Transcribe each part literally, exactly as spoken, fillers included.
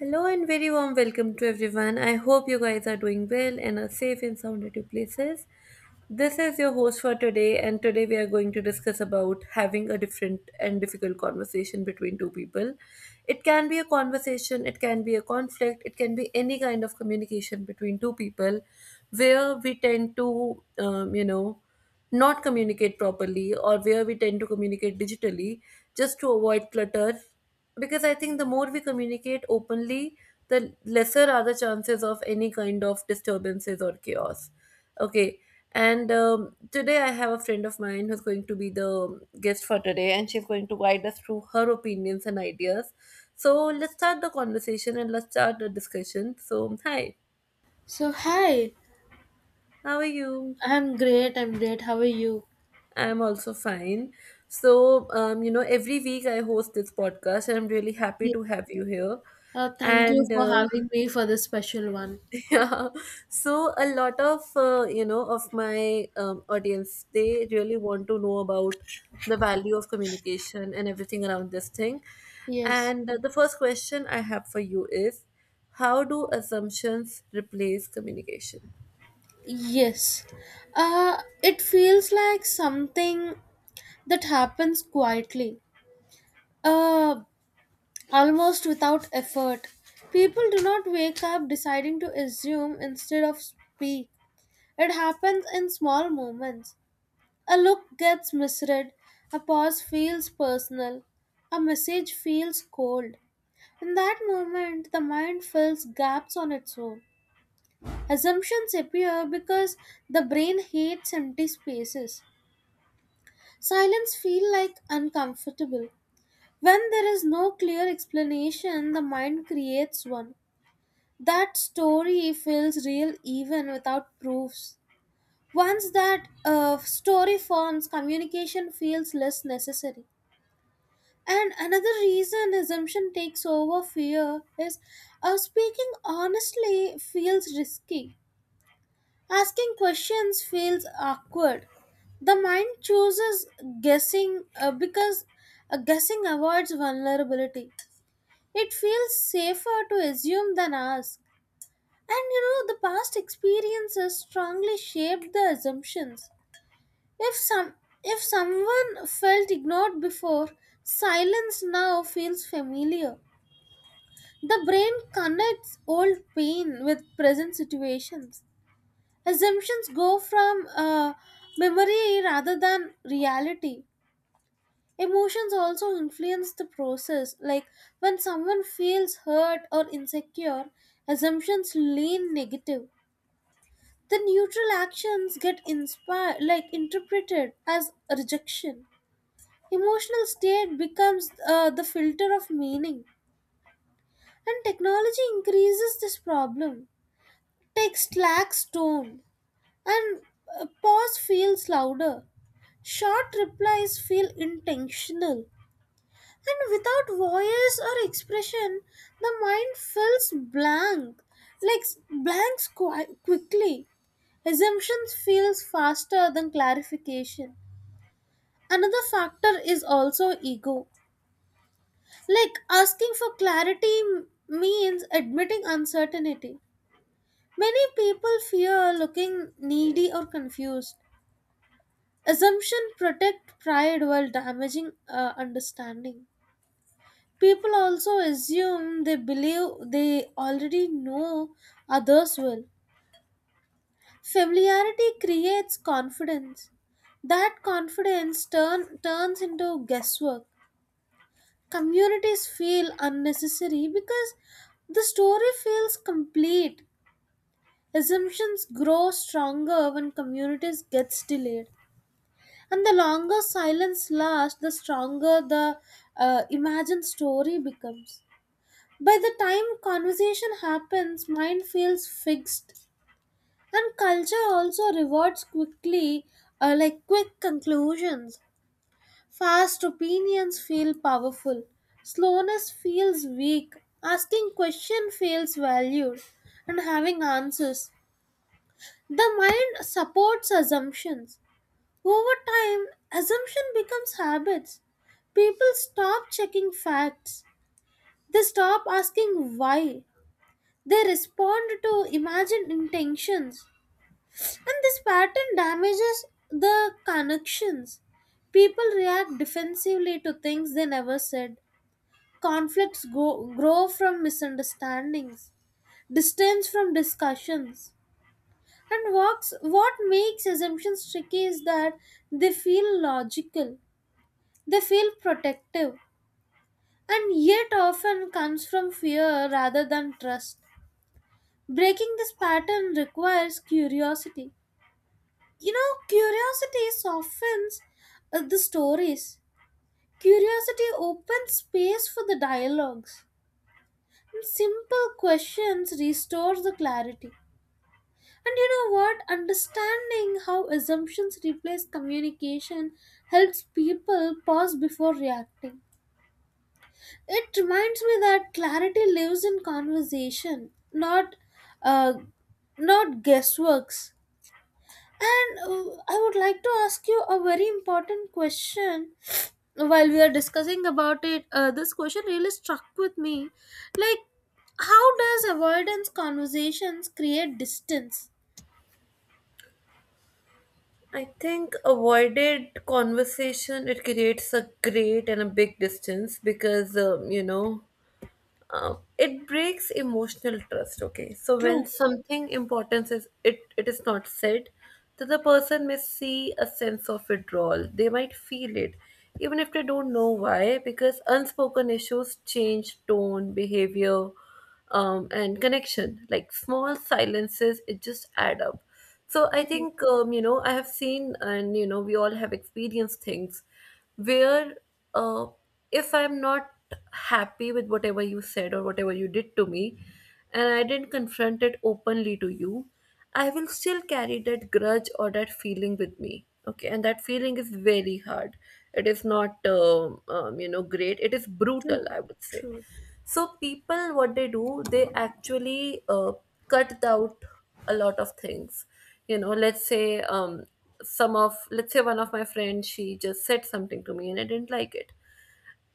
Hello and very warm welcome to everyone. I hope you guys are doing well and are safe and sound at your places. This is your host for today, and today we are going to discuss about having a different and difficult conversation between two people. It can be a conversation, it can be a conflict, it can be any kind of communication between two people where we tend to, um, you know, not communicate properly, or where we tend to communicate digitally just to avoid clutter, because I think the more we communicate openly, the lesser are the chances of any kind of disturbances or chaos. Okay, and um, today I have a friend of mine who's going to be the guest for today, and she's going to guide us through her opinions and ideas. So let's start the conversation and let's start the discussion. So, hi, So, hi, how are you? I'm great. I'm great. How are you? I'm also fine. So, um, you know, every week I host this podcast, and I'm really happy Yeah. to have you here. Uh, thank you And for uh, having me for this special one. Yeah. So a lot of uh, you know, of my um, audience, they really want to know about the value of communication and everything around this thing. Yes. And uh, the first question I have for you is, how do assumptions replace communication? Yes. Uh, it feels like something that happens quietly, uh, almost without effort. People do not wake up deciding to assume instead of speak. It happens in small moments. A look gets misread, a pause feels personal, a message feels cold. In that moment, the mind fills gaps on its own. Assumptions appear because the brain hates empty spaces. Silence feels like uncomfortable. When there is no clear explanation, the mind creates one. That story feels real even without proofs. Once that uh, story forms, communication feels less necessary. And another reason assumption takes over fear is uh, speaking honestly feels risky. Asking questions feels awkward. The mind chooses guessing uh, because uh, guessing avoids vulnerability. It feels safer to assume than ask. And you know, the past experiences strongly shaped the assumptions. If some if someone felt ignored before, silence now feels familiar. The brain connects old pain with present situations. Assumptions go from uh, memory rather than reality. Emotions also influence the process, like when someone feels hurt or insecure, assumptions lean negative. The neutral actions get inspired, like interpreted as rejection. Emotional state becomes uh, the filter of meaning, and technology increases this problem. Text lacks tone and a pause feels louder. Short replies feel intentional. And without voice or expression, the mind feels blank, like s- blanks qui- quickly. Assumptions feels faster than clarification. Another factor is also ego. Like asking for clarity m- means admitting uncertainty. Many people fear looking needy or confused. Assumption protect pride while damaging uh, understanding. People also assume they believe they already know others well. Familiarity creates confidence. That confidence turn, turns into guesswork. Communities feel unnecessary because the story feels complete. Assumptions grow stronger when communities gets delayed. And the longer silence lasts, the stronger the uh, imagined story becomes. By the time conversation happens, mind feels fixed. And culture also rewards quickly, uh, like quick conclusions. Fast opinions feel powerful. Slowness feels weak. Asking question feels valued. And having answers. The mind supports assumptions. Over time, assumption becomes habits. People stop checking facts. They stop asking why. They respond to imagined intentions. And this pattern damages the connections. People react defensively to things they never said. Conflicts go, grow from misunderstandings, distance from discussions. And walks, what makes assumptions tricky is that they feel logical. They feel protective and yet often comes from fear rather than trust. Breaking this pattern requires curiosity. You know, curiosity softens uh, the stories. Curiosity opens space for the dialogues. And simple questions restore the clarity. And you know what? Understanding how assumptions replace communication helps people pause before reacting. It reminds me that clarity lives in conversation, not uh, not guessworks. And uh, I would like to ask you a very important question. While we are discussing about it, uh, this question really struck with me. Like, how does avoidance conversations create distance? I think avoided conversation, it creates a great and a big distance because um, you know uh, it breaks emotional trust. Okay, so when True, something important is it it is not said, that the person may see a sense of withdrawal. They might feel it, even if they don't know why, because unspoken issues change tone, behavior, um, and connection. Like, small silences, it just add up. So I true, think, um, you know, I have seen, and you know, we all have experienced things where, uh, if I'm not happy with whatever you said or whatever you did to me, and I didn't confront it openly to you, I will still carry that grudge or that feeling with me. Okay, and that feeling is very hard. It is not, um, um, you know, great. It is brutal, true, I would say. true. So people, what they do, they actually uh, cut out a lot of things. You know, let's say, um, some of, let's say one of my friends, she just said something to me and I didn't like it.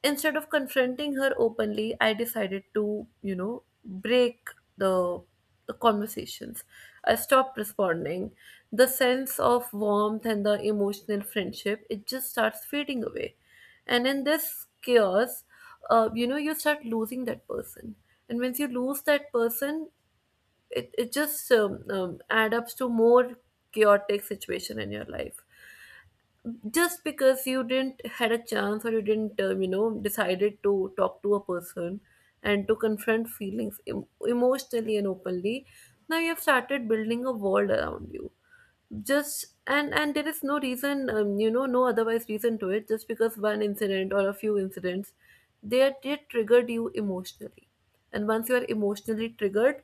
Instead of confronting her openly, I decided to, you know, break the the conversations. I stopped responding. The sense of warmth and the emotional friendship, it just starts fading away. And in this chaos, uh, you know, you start losing that person. And once you lose that person, it, it just um, um, add up to more chaotic situation in your life, just because you didn't had a chance, or you didn't, um, you know, decided to talk to a person and to confront feelings em- emotionally and openly. Now you have started building a world around you, just, and and there is no reason, um, you know, no otherwise reason to it, just because one incident or a few incidents, they they triggered you emotionally. And once you are emotionally triggered,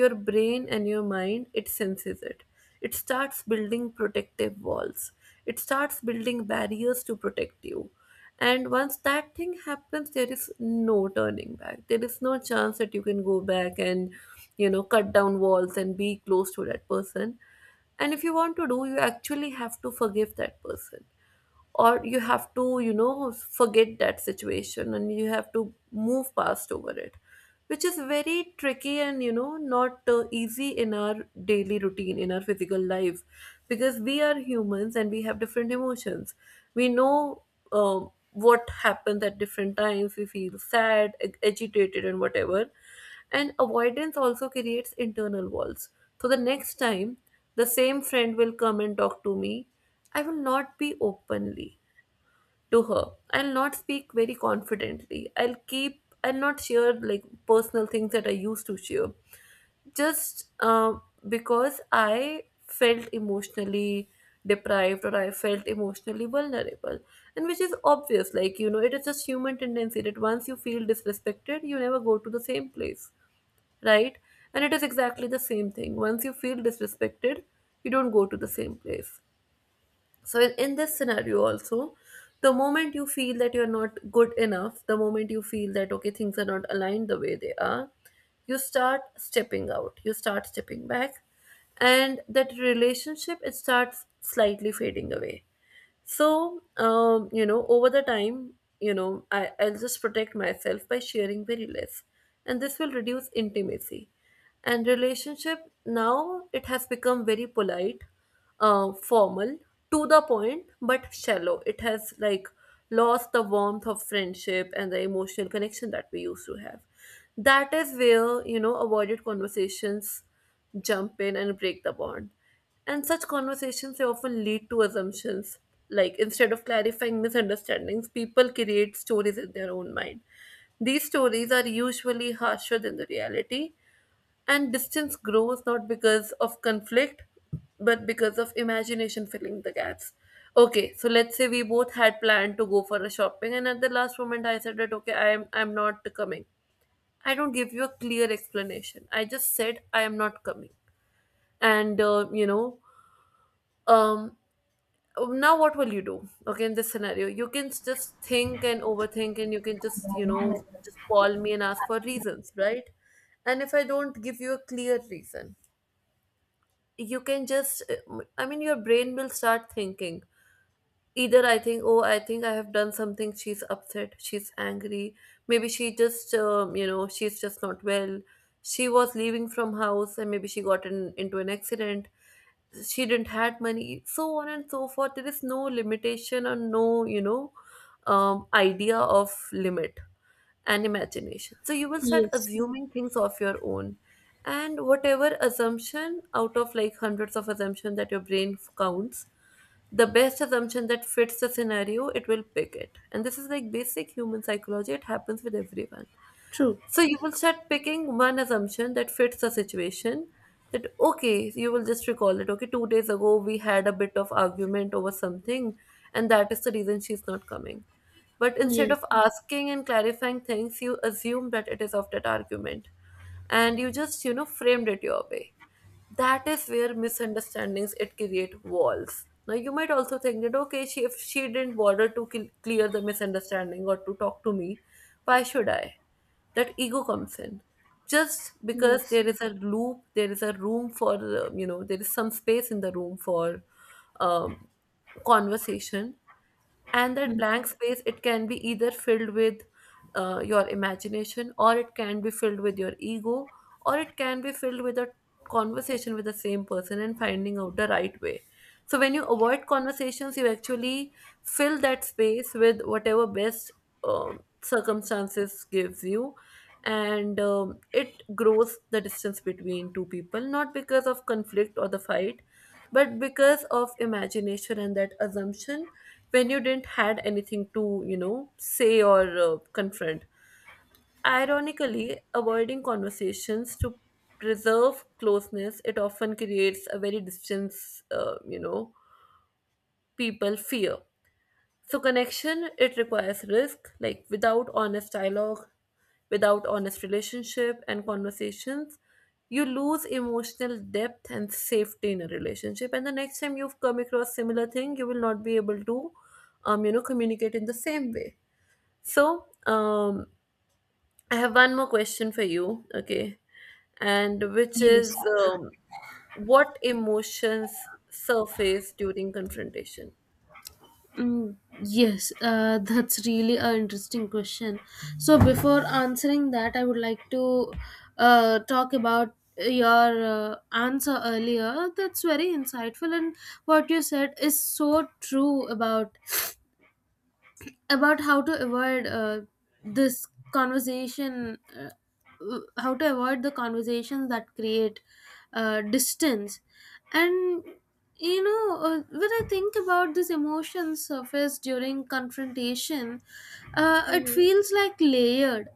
your brain and your mind, it senses it. It starts building protective walls, it starts building barriers to protect you. And once that thing happens, there is no turning back. There is no chance that you can go back and, you know, cut down walls and be close to that person. And if you want to do, you actually have to forgive that person, or you have to, you know, forget that situation and you have to move past over it, which is very tricky and, you know, not uh, easy in our daily routine, in our physical life, because we are humans and we have different emotions. We know, um, what happens at different times, we feel sad, ag- agitated and whatever. And avoidance also creates internal walls. So the next time the same friend will come and talk to me, I will not be openly to her. I'll not speak very confidently. I'll keep, I'll not share like personal things that I used to share. Just uh, because I felt emotionally deprived, or I felt emotionally vulnerable. And which is obvious, like, you know, it is just human tendency that once you feel disrespected, you never go to the same place, right? And it is exactly the same thing. Once you feel disrespected, you don't go to the same place. So, in, in this scenario, also, the moment you feel that you're not good enough, the moment you feel that, okay, things are not aligned the way they are, you start stepping out, you start stepping back, and that relationship, it starts slightly fading away. So, um, you know, over the time, you know, I, I'll just protect myself by sharing very less. And this will reduce intimacy. And relationship, now it has become very polite, uh, formal, to the point, but shallow. It has like lost the warmth of friendship and the emotional connection that we used to have. That is where, you know, avoided conversations jump in and break the bond. And such conversations, they often lead to assumptions. Like, instead of clarifying misunderstandings, people create stories in their own mind. These stories are usually harsher than the reality, and distance grows not because of conflict, but because of imagination filling the gaps. Okay, so let's say we both had planned to go for a shopping, and at the last moment I said that okay, I'm I'm not coming. I don't give you a clear explanation. I just said I am not coming, and uh, you know, um, Oh, now what will you do? Okay, in this scenario you can just think and overthink, and you can just, you know, just call me and ask for reasons, right? And if I don't give you a clear reason, you can just, I mean, your brain will start thinking, either I think, oh, I think I have done something, she's upset, she's angry. Maybe she just, um, you know, she's just not well. She was leaving from house and maybe she got in, into an accident. She didn't had money, so on and so forth. There is no limitation or no, you know, um, idea of limit and imagination. So you will start Yes, assuming things of your own. And whatever assumption, out of like hundreds of assumption that your brain counts, the best assumption that fits the scenario, it will pick it. And this is like basic human psychology, it happens with everyone. true. So you will start picking one assumption that fits the situation. That okay, you will just recall it. Okay, two days ago we had a bit of argument over something, and that is the reason she's not coming. But instead Yes, of asking and clarifying things, you assume that it is of that argument, and you just, you know, framed it your way. That is where misunderstandings, it create walls. Now you might also think that okay, she if she didn't bother to cl- clear the misunderstanding or to talk to me, why should I? That ego comes in, just because yes, there is a loop, there is a room for, uh, you know, there is some space in the room for, um, conversation. And that mm, blank space, it can be either filled with uh, your imagination, or it can be filled with your ego, or it can be filled with a conversation with the same person and finding out the right way. So when you avoid conversations, you actually fill that space with whatever best um, circumstances gives you. And um, it grows the distance between two people, not because of conflict or the fight, but because of imagination and that assumption, when you didn't had anything to, you know, say or uh, confront. Ironically, avoiding conversations to preserve closeness, it often creates a very distance, uh, you know, people fear. So connection, it requires risk. Like, without honest dialogue, without honest relationship and conversations, you lose emotional depth and safety in a relationship. And the next time you've come across similar thing, you will not be able to, um, you know, communicate in the same way. So, um, I have one more question for you, okay, and which yes. is, um, what emotions surface during confrontation? Mm, yes, uh, that's really an interesting question. So, before answering that, I would like to uh, talk about your uh, answer earlier. That's very insightful, and what you said is so true about about how to avoid uh, this conversation, uh, w- how to avoid the conversations that create uh, distance. And you know, uh, when I think about this emotion surface during confrontation, uh, it feels like layered.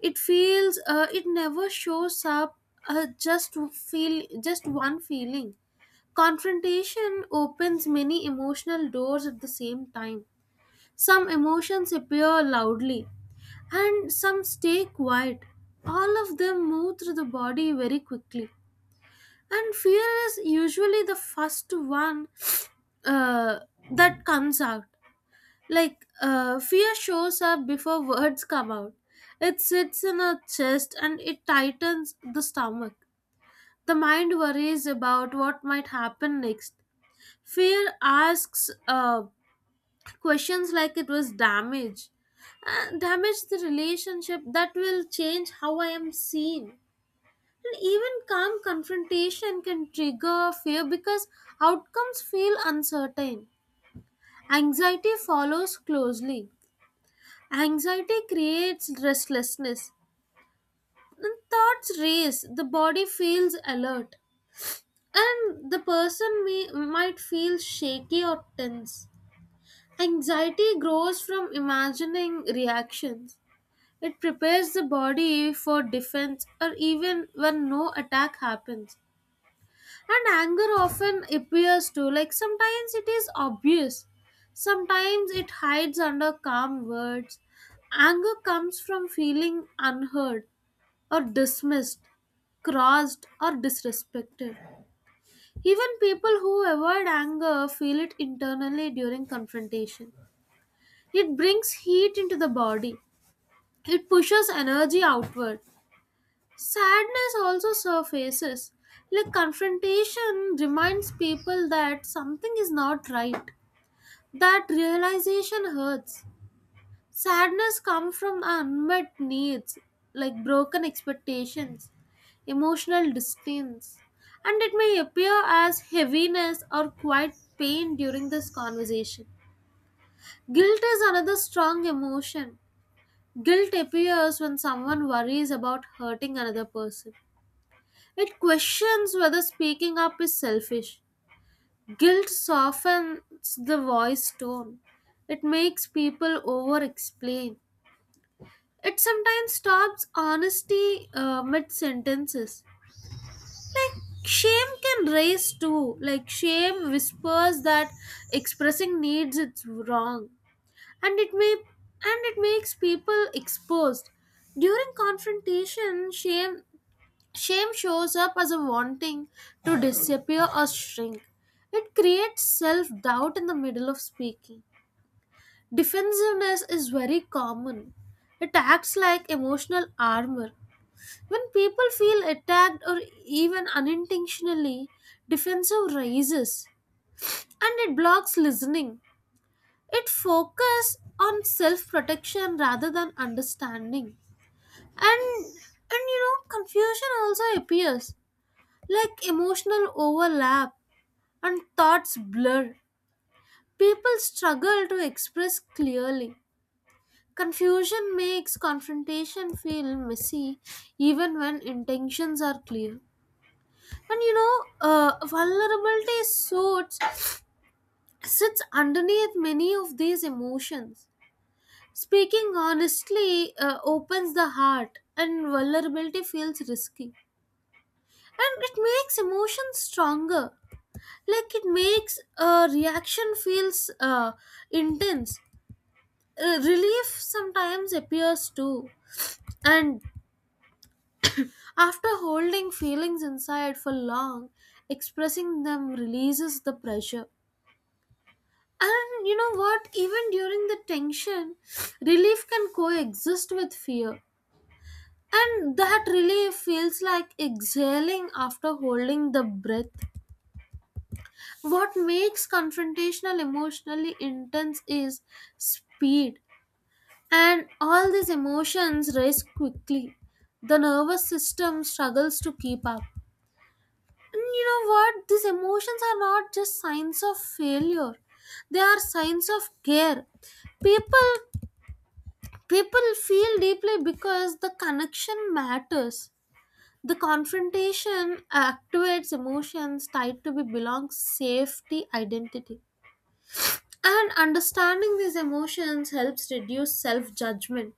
It feels, uh, it never shows up, uh, just feel just one feeling. Confrontation opens many emotional doors at the same time. Some emotions appear loudly and some stay quiet. All of them move through the body very quickly. And fear is usually the first one uh, that comes out. Like, uh, fear shows up before words come out. It sits in our chest and it tightens the stomach. The mind worries about what might happen next. Fear asks, uh, questions like it was damage uh, damage the relationship, that will change how I am seen. And even calm confrontation can trigger fear because outcomes feel uncertain. Anxiety follows closely. Anxiety creates restlessness and thoughts race. The body feels alert, and the person may, might feel shaky or tense. Anxiety grows from imagining reactions. It prepares the body for defense or even when no attack happens. And anger often appears too. Like, sometimes it is obvious, sometimes it hides under calm words. Anger comes from feeling unheard or dismissed, crossed or disrespected. Even people who avoid anger feel it internally during confrontation. It brings heat into the body. It pushes energy outward. Sadness also surfaces. Like, confrontation reminds people that something is not right. That realization hurts. Sadness comes from unmet needs, like broken expectations, emotional distance, and it may appear as heaviness or quiet pain during this conversation. Guilt is another strong emotion. Guilt appears when someone worries about hurting another person. It questions whether speaking up is selfish. Guilt softens the voice tone. It makes people over explain. It sometimes stops honesty uh, mid sentences. Like, shame can raise too. Like, shame whispers that expressing needs is wrong. And it may and it makes people exposed. During confrontation, shame shame shows up as a wanting to disappear or shrink. It creates self doubt in the middle of speaking. Defensiveness is very common. It acts like emotional armor. When people feel attacked or even unintentionally, defensive rises and it blocks listening. It focuses on self protection rather than understanding. And and you know, confusion also appears. Like, emotional overlap and thoughts blur. People struggle to express clearly. Confusion makes confrontation feel messy even when intentions are clear. And you know, uh, vulnerability sorts sits underneath many of these emotions. Speaking honestly uh, opens the heart, and vulnerability feels risky. And it makes emotions stronger. Like, it makes a reaction feels uh, intense. Uh, relief sometimes appears too, and after holding feelings inside for long, expressing them releases the pressure. And you know what, even during the tension, relief can coexist with fear, and that relief feels like exhaling after holding the breath. What makes confrontational emotionally intense is speed. And all these emotions rise quickly. The nervous system struggles to keep up. And you know what? These emotions are not just signs of failure. They are signs of care. People People feel deeply because the connection matters. The confrontation activates emotions tied to be belong safety identity. And understanding these emotions helps reduce self judgment.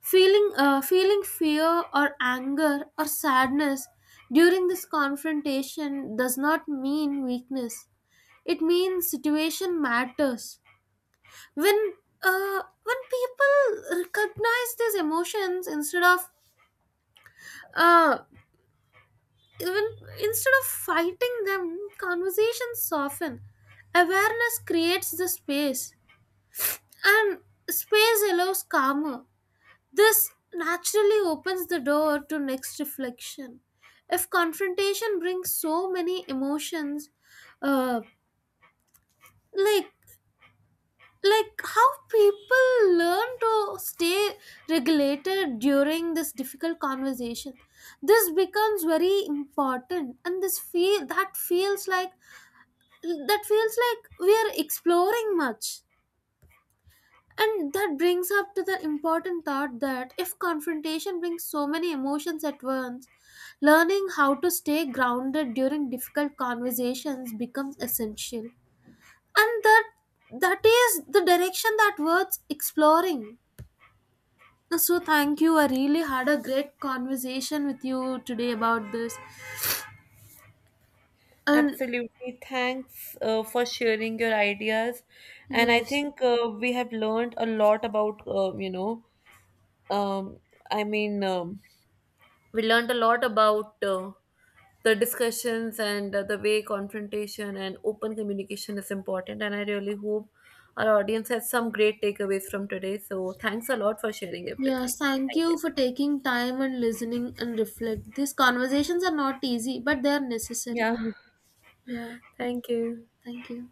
Feeling, uh, feeling fear or anger or sadness during this confrontation does not mean weakness. It means situation matters. When uh, when people recognize these emotions instead of uh, even instead of fighting them, conversations soften. Awareness creates the space, and space allows calmer. This naturally opens the door to next reflection. If confrontation brings so many emotions, uh, like like how people learn to stay regulated during this difficult conversation, this becomes very important and this feel that feels like that feels like we are exploring much. And that brings up to the important thought that if confrontation brings so many emotions at once, learning how to stay grounded during difficult conversations becomes essential. And that that is the direction that worth exploring. So thank you. I really had a great conversation with you today about this. And Absolutely. Thanks uh, for sharing your ideas. And I yes. think uh, we have learned a lot about, uh, you know, um, I mean, um, we learned a lot about uh, the discussions and uh, the way confrontation and open communication is important. And I really hope our audience has some great takeaways from today. So thanks a lot for sharing everything. Yes, thank Thank you. you for taking time and listening and reflect. These conversations are not easy, but they are necessary. Yeah. Yeah. Thank you. Thank you.